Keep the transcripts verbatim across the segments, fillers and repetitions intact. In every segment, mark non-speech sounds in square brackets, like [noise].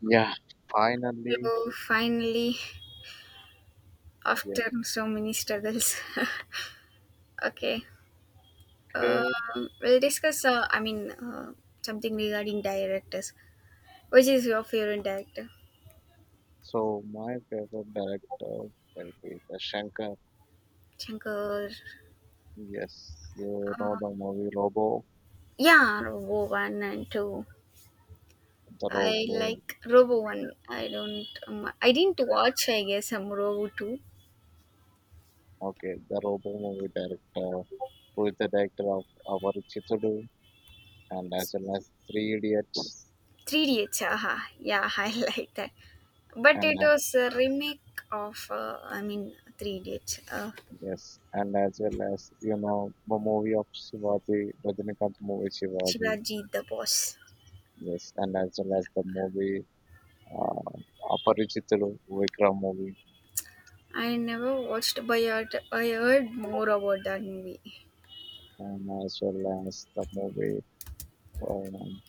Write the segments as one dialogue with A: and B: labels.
A: Yeah, finally,
B: So finally, after so many struggles, [laughs] okay, uh,
A: okay.
B: we'll discuss. Uh, I mean, uh, something regarding directors. Which is your favorite director?
A: So my favorite director will be the Shankar.
B: Shankar.
A: Yes, you know
B: Uh,
A: the movie Robo,
B: yeah, Robo One and Two.
A: the
B: I
A: Robo.
B: like Robo One. I don't. Um, I didn't watch. I guess um, Robo Two.
A: Okay, the Robo movie director, who is the director of our Chittudu and as well as Three Idiots,
B: Three idiots. Aha. Yeah, [laughs] I like that. But it
A: and uh,
B: was a remake of. Uh, I mean, Three Idiots. Uh,
A: yes, and as well as you know the movie of Shivaji, Rajinikanth movie Shivaji.
B: Shivaji the Boss.
A: Yes, and as well as the movie uh, Aparichitalu, Vikram movie.
B: I never watched, but I I heard more about that movie.
A: And as well as the movie, um,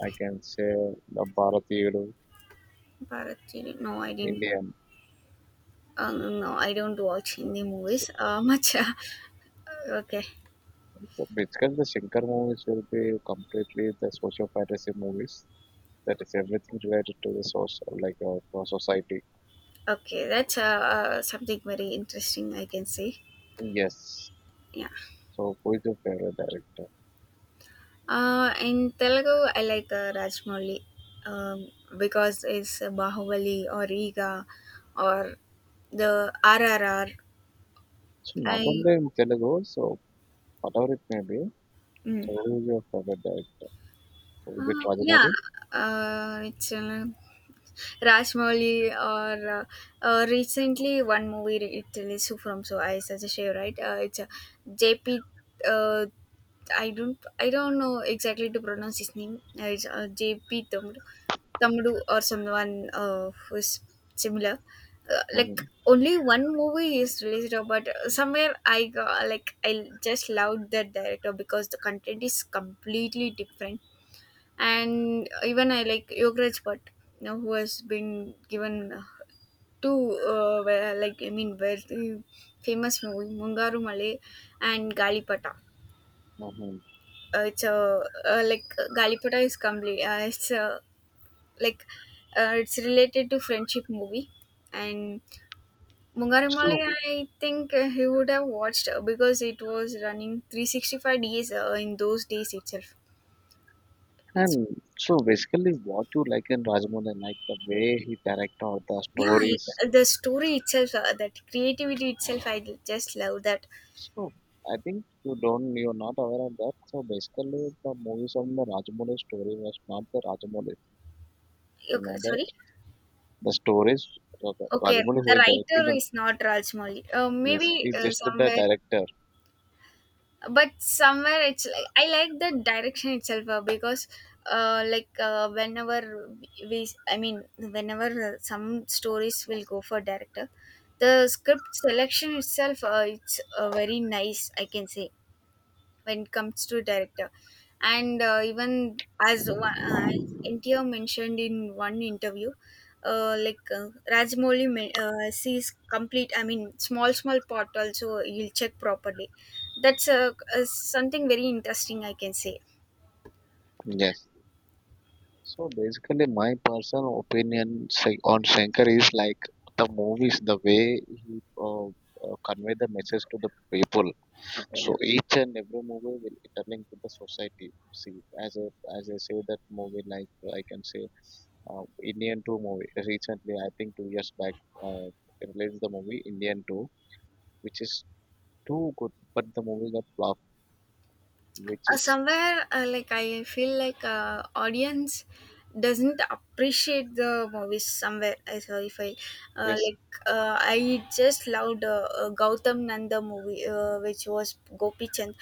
A: I can say the Bharatiyudu,
B: Bharatini. No, I didn't.
A: Indian.
B: Uh, no, no, I don't watch Hindi
A: So,
B: movies. Uh, much. [laughs] Okay,
A: so basically, the Shankar movies will be completely the social fantasy movies. That is everything related to the social, like uh, for society.
B: okay, that's uh, uh, something very interesting. I can say.
A: Yes.
B: Yeah.
A: So who is your favorite director?
B: Uh, in Telugu, I like uh, Rajmouli, um, because it's Bahubali or Riga or the R R R.
A: So not
B: I.
A: only in Telugu, so whatever it may be. So
B: Mm.
A: who is your favorite director? So is it
B: Uh, yeah,
A: Rajamouli?
B: uh, it's uh, Rajmouli or uh, uh, recently one movie re- it released from so I suggest you right uh, it's a J P uh, I don't I don't know exactly to pronounce his name uh, it's uh, J P Tamdu Tamdu or someone uh, who's similar uh,
A: Mm-hmm.
B: like only one movie is released uh, but uh, somewhere I got like I just loved that director because the content is completely different and even I like Yograj, Bhatt now who has been given uh, two uh, where- like I mean very famous movie Mungaru Male and Galipata.
A: Mm-hmm.
B: Uh, it's a uh, like uh, Galipata is complete. Uh, it's a like uh, it's related to friendship movie and Mungaru Male
A: So.
B: I think uh, he would have watched uh, because it was running three hundred sixty-five days uh, in those days itself. It's
A: And so basically, what you like in Rajmohan, and like the way he direct all the
B: yeah,
A: stories.
B: it, the story itself, uh, that creativity itself, I just love that.
A: So I think you don't, you're not aware of that. So basically, the movies of the Rajamouli story was not the Rajamouli. You
B: Okay,
A: know that
B: sorry.
A: the stories,
B: Okay,
A: Rajamouli who
B: the
A: is directing
B: writer
A: them,
B: is not Rajmouli. Uh,
A: yes,
B: maybe
A: is
B: uh,
A: just the
B: somewhere,
A: director.
B: but somewhere it's like I like the direction itself uh, because, uh, like uh, whenever we, I mean, whenever uh, some stories will go for director, the script selection itself, uh, it's uh, very nice. I can say when it comes to director and uh, even as one- uh, N T R mentioned in one interview uh, like uh, Rajmouli men- uh, sees complete. I mean small small part also he'll check properly. That's uh, uh, something very interesting. I can say.
A: Yes. So basically, my personal opinion say- on Shankar is like the movies, the way he uh, uh, convey the message to the people.
B: Okay,
A: So each and every movie will interlink with the society. See, as a as I say that movie, like uh, I can say, uh, Indian Two movie. Recently, I think two years back, uh, released the movie Indian Two, which is too good, but the movie got flop. Which
B: uh,
A: is
B: somewhere, uh, like I feel like uh, audience doesn't appreciate the movies somewhere. I sorry if I, uh,
A: yes,
B: like uh, I just loved uh, uh, Gautam Nanda movie uh, which was Gopi Chand,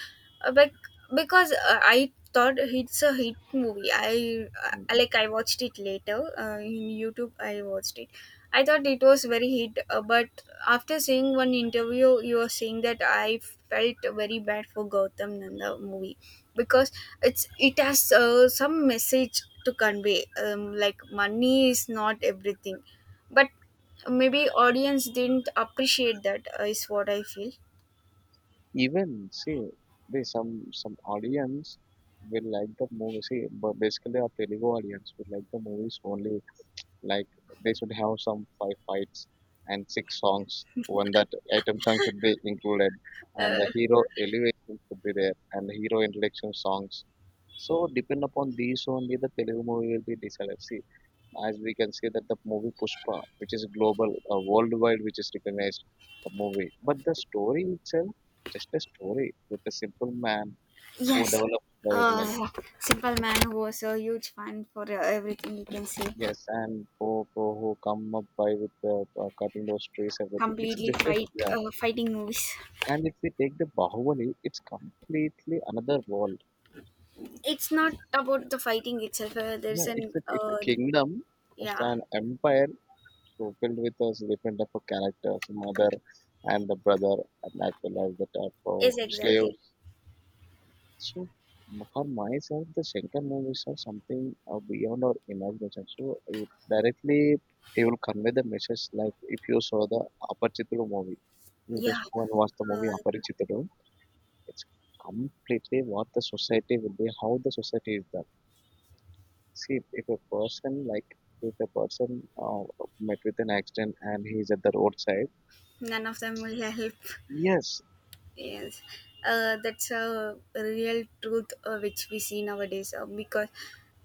B: uh, but because uh, I thought it's a hit movie. i
A: mm,
B: uh, like I watched it later uh, in YouTube I watched it. I thought it was very hit, uh, but after seeing one interview you were saying that, I felt very bad for Gautam Nanda movie because it's, it has uh, some message to convey, um, like money is not everything. But maybe audience didn't appreciate that, uh, is what I feel.
A: even see, there some some audience will like the movie. See, but basically our Telugu audience will like the movies only. Like they should have some five fights and six songs. When that item song should be included, and
B: uh,
A: the hero elevation should be there, and the hero introduction songs. So depend upon these only the Telugu movie will be decided. See, as we can see that the movie Pushpa, which is global, uh, worldwide, which is recognized a movie, but the story itself just a story with a simple man who
B: yes,
A: develops by like,
B: uh, simple man was a huge fan for uh, everything, you can say.
A: yes, and for, for who come up by with the uh, cutting those trees, everything. It's
B: Completely
A: just a,
B: fight,
A: yeah.
B: uh, fighting movies.
A: And if we take the Bahubali, it's completely another world.
B: It's not about the fighting itself. Uh, there's
A: Yeah,
B: an
A: it's a, it's a
B: uh,
A: kingdom, it's
B: Yeah,
A: an empire, so filled with us different type of characters, mother and the brother, and as well as the type of
B: is exactly.
A: slaves. So, m- for myself, the second movies are something uh, beyond our imagination. So, you directly you will convey the message like if you saw the Aparichitulu movie, you
B: Yeah.
A: just go and watch the movie
B: uh,
A: Aparichitulu. It's completely what the society will be, how the society is done. See, if a person like if a person uh, met with an accident and he is at the roadside,
B: None of them will help.
A: yes,
B: Yes, uh, that's a real truth uh, which we see nowadays. Uh, because,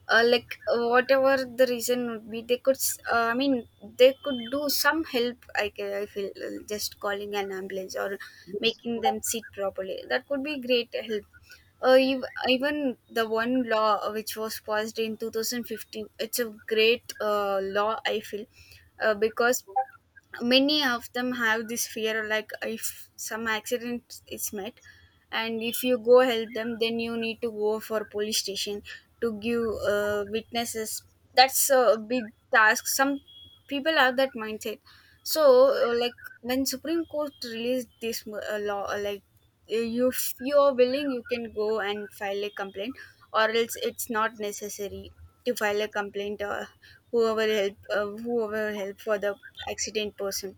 B: uh, like uh, whatever the reason would be, they could. S- Uh, I mean, they could do some help. I ca- I feel uh, just calling an ambulance or
A: yes,
B: making them sit properly, that could be great help. Uh, ev- even the one law uh, which was passed in two thousand fifteen, it's a great uh, law, I feel, uh, because many of them have this fear like if some accident is met and if you go help them, then you need to go for police station to give uh, witnesses. That's a big task. Some people have that mindset. So uh, like when supreme court released this uh, law, uh, like if you are willing you can go and file a complaint, or else it's not necessary to file a complaint, uh, whoever help, uh, whoever help for the accident person.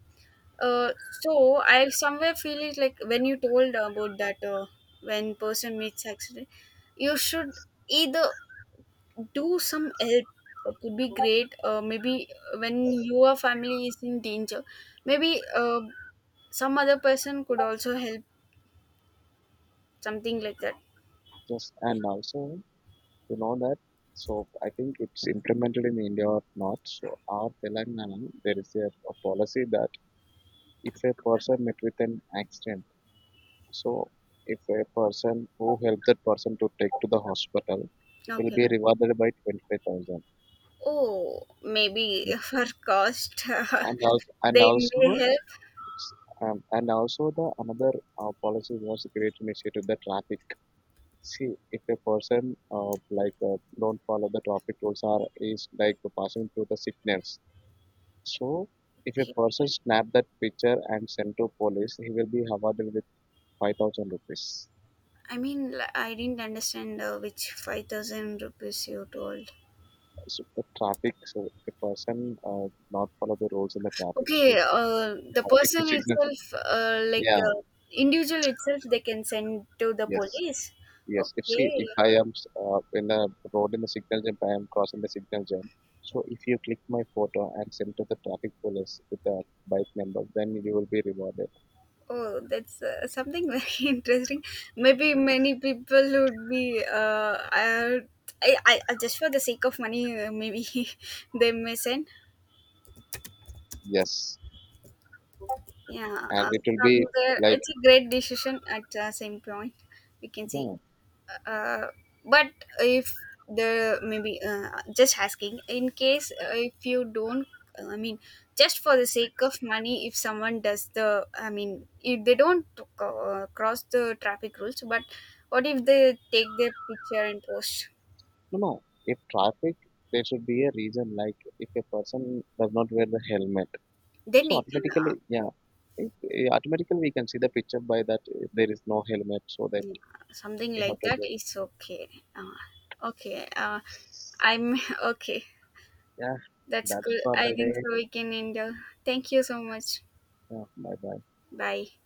B: Uh, so I somewhere feel it, like when you told about that, uh, when person meets accident you should either do some help. That would be great. Uh, maybe when your family is in danger, maybe uh, some other person could also help, something like that.
A: yes, and also you know that so I think it's implemented in India or not, so our Telangana there is a, a policy that if a person met with an accident, so if a person who helped that person to take to the hospital will
B: Okay.
A: be rewarded by twenty-five thousand.
B: Oh, maybe. [laughs]
A: Yes.
B: For cost
A: And also
B: [laughs]
A: and
B: they
A: also,
B: may help.
A: um, and also the another uh, policy was a great initiative, the traffic. See if a person uh, like uh, don't follow the traffic rules or is like passing through the signals. So, if a person snap that picture and send to police, he will be awarded with five thousand rupees.
B: I mean, li- I didn't understand uh, which five thousand rupees you told.
A: So the traffic, so if a person uh, not follow the rules in the traffic,
B: Okay,
A: so
B: uh, the
A: yeah, if he
B: person
A: signals,
B: itself, uh, like
A: yeah,
B: uh, individual itself, they can send to the
A: yes,
B: police.
A: yes. If see,
B: Okay.
A: if I am uh, in the road in the signal jump, I am crossing the signal jump. So if you click my photo and send to the traffic police with the bike number, then you will be rewarded.
B: Oh, that's uh, something [laughs] very interesting. Maybe many people would be, uh, uh, I, I, I- just for the sake of money, uh, maybe [laughs] they may send.
A: Yes,
B: Yeah,
A: and
B: uh,
A: it will be
B: somewhere
A: like,
B: it's a great decision at the same point. We can see.
A: yeah.
B: uh, but if the maybe, uh, just asking in case, uh, if you don't, uh, i mean just for the sake of money, if someone does the, I mean if they don't uh, cross the traffic rules, but what if they take their picture and post?
A: No, no. If traffic, there should be a reason. Like if a person does not wear the helmet,
B: Then
A: so
B: it can, uh,
A: automatically, yeah, it, eh, automatically we can see the picture by that eh, there is no helmet, so that
B: yeah, something
A: you have
B: like
A: to
B: that
A: go.
B: is okay. Uh, okay uh, I'm [laughs] okay,
A: Yeah,
B: that's
A: that's
B: good.
A: for
B: I
A: the
B: think
A: day.
B: so we can end. Uh, thank you so much.
A: Yeah, bye bye.
B: Bye.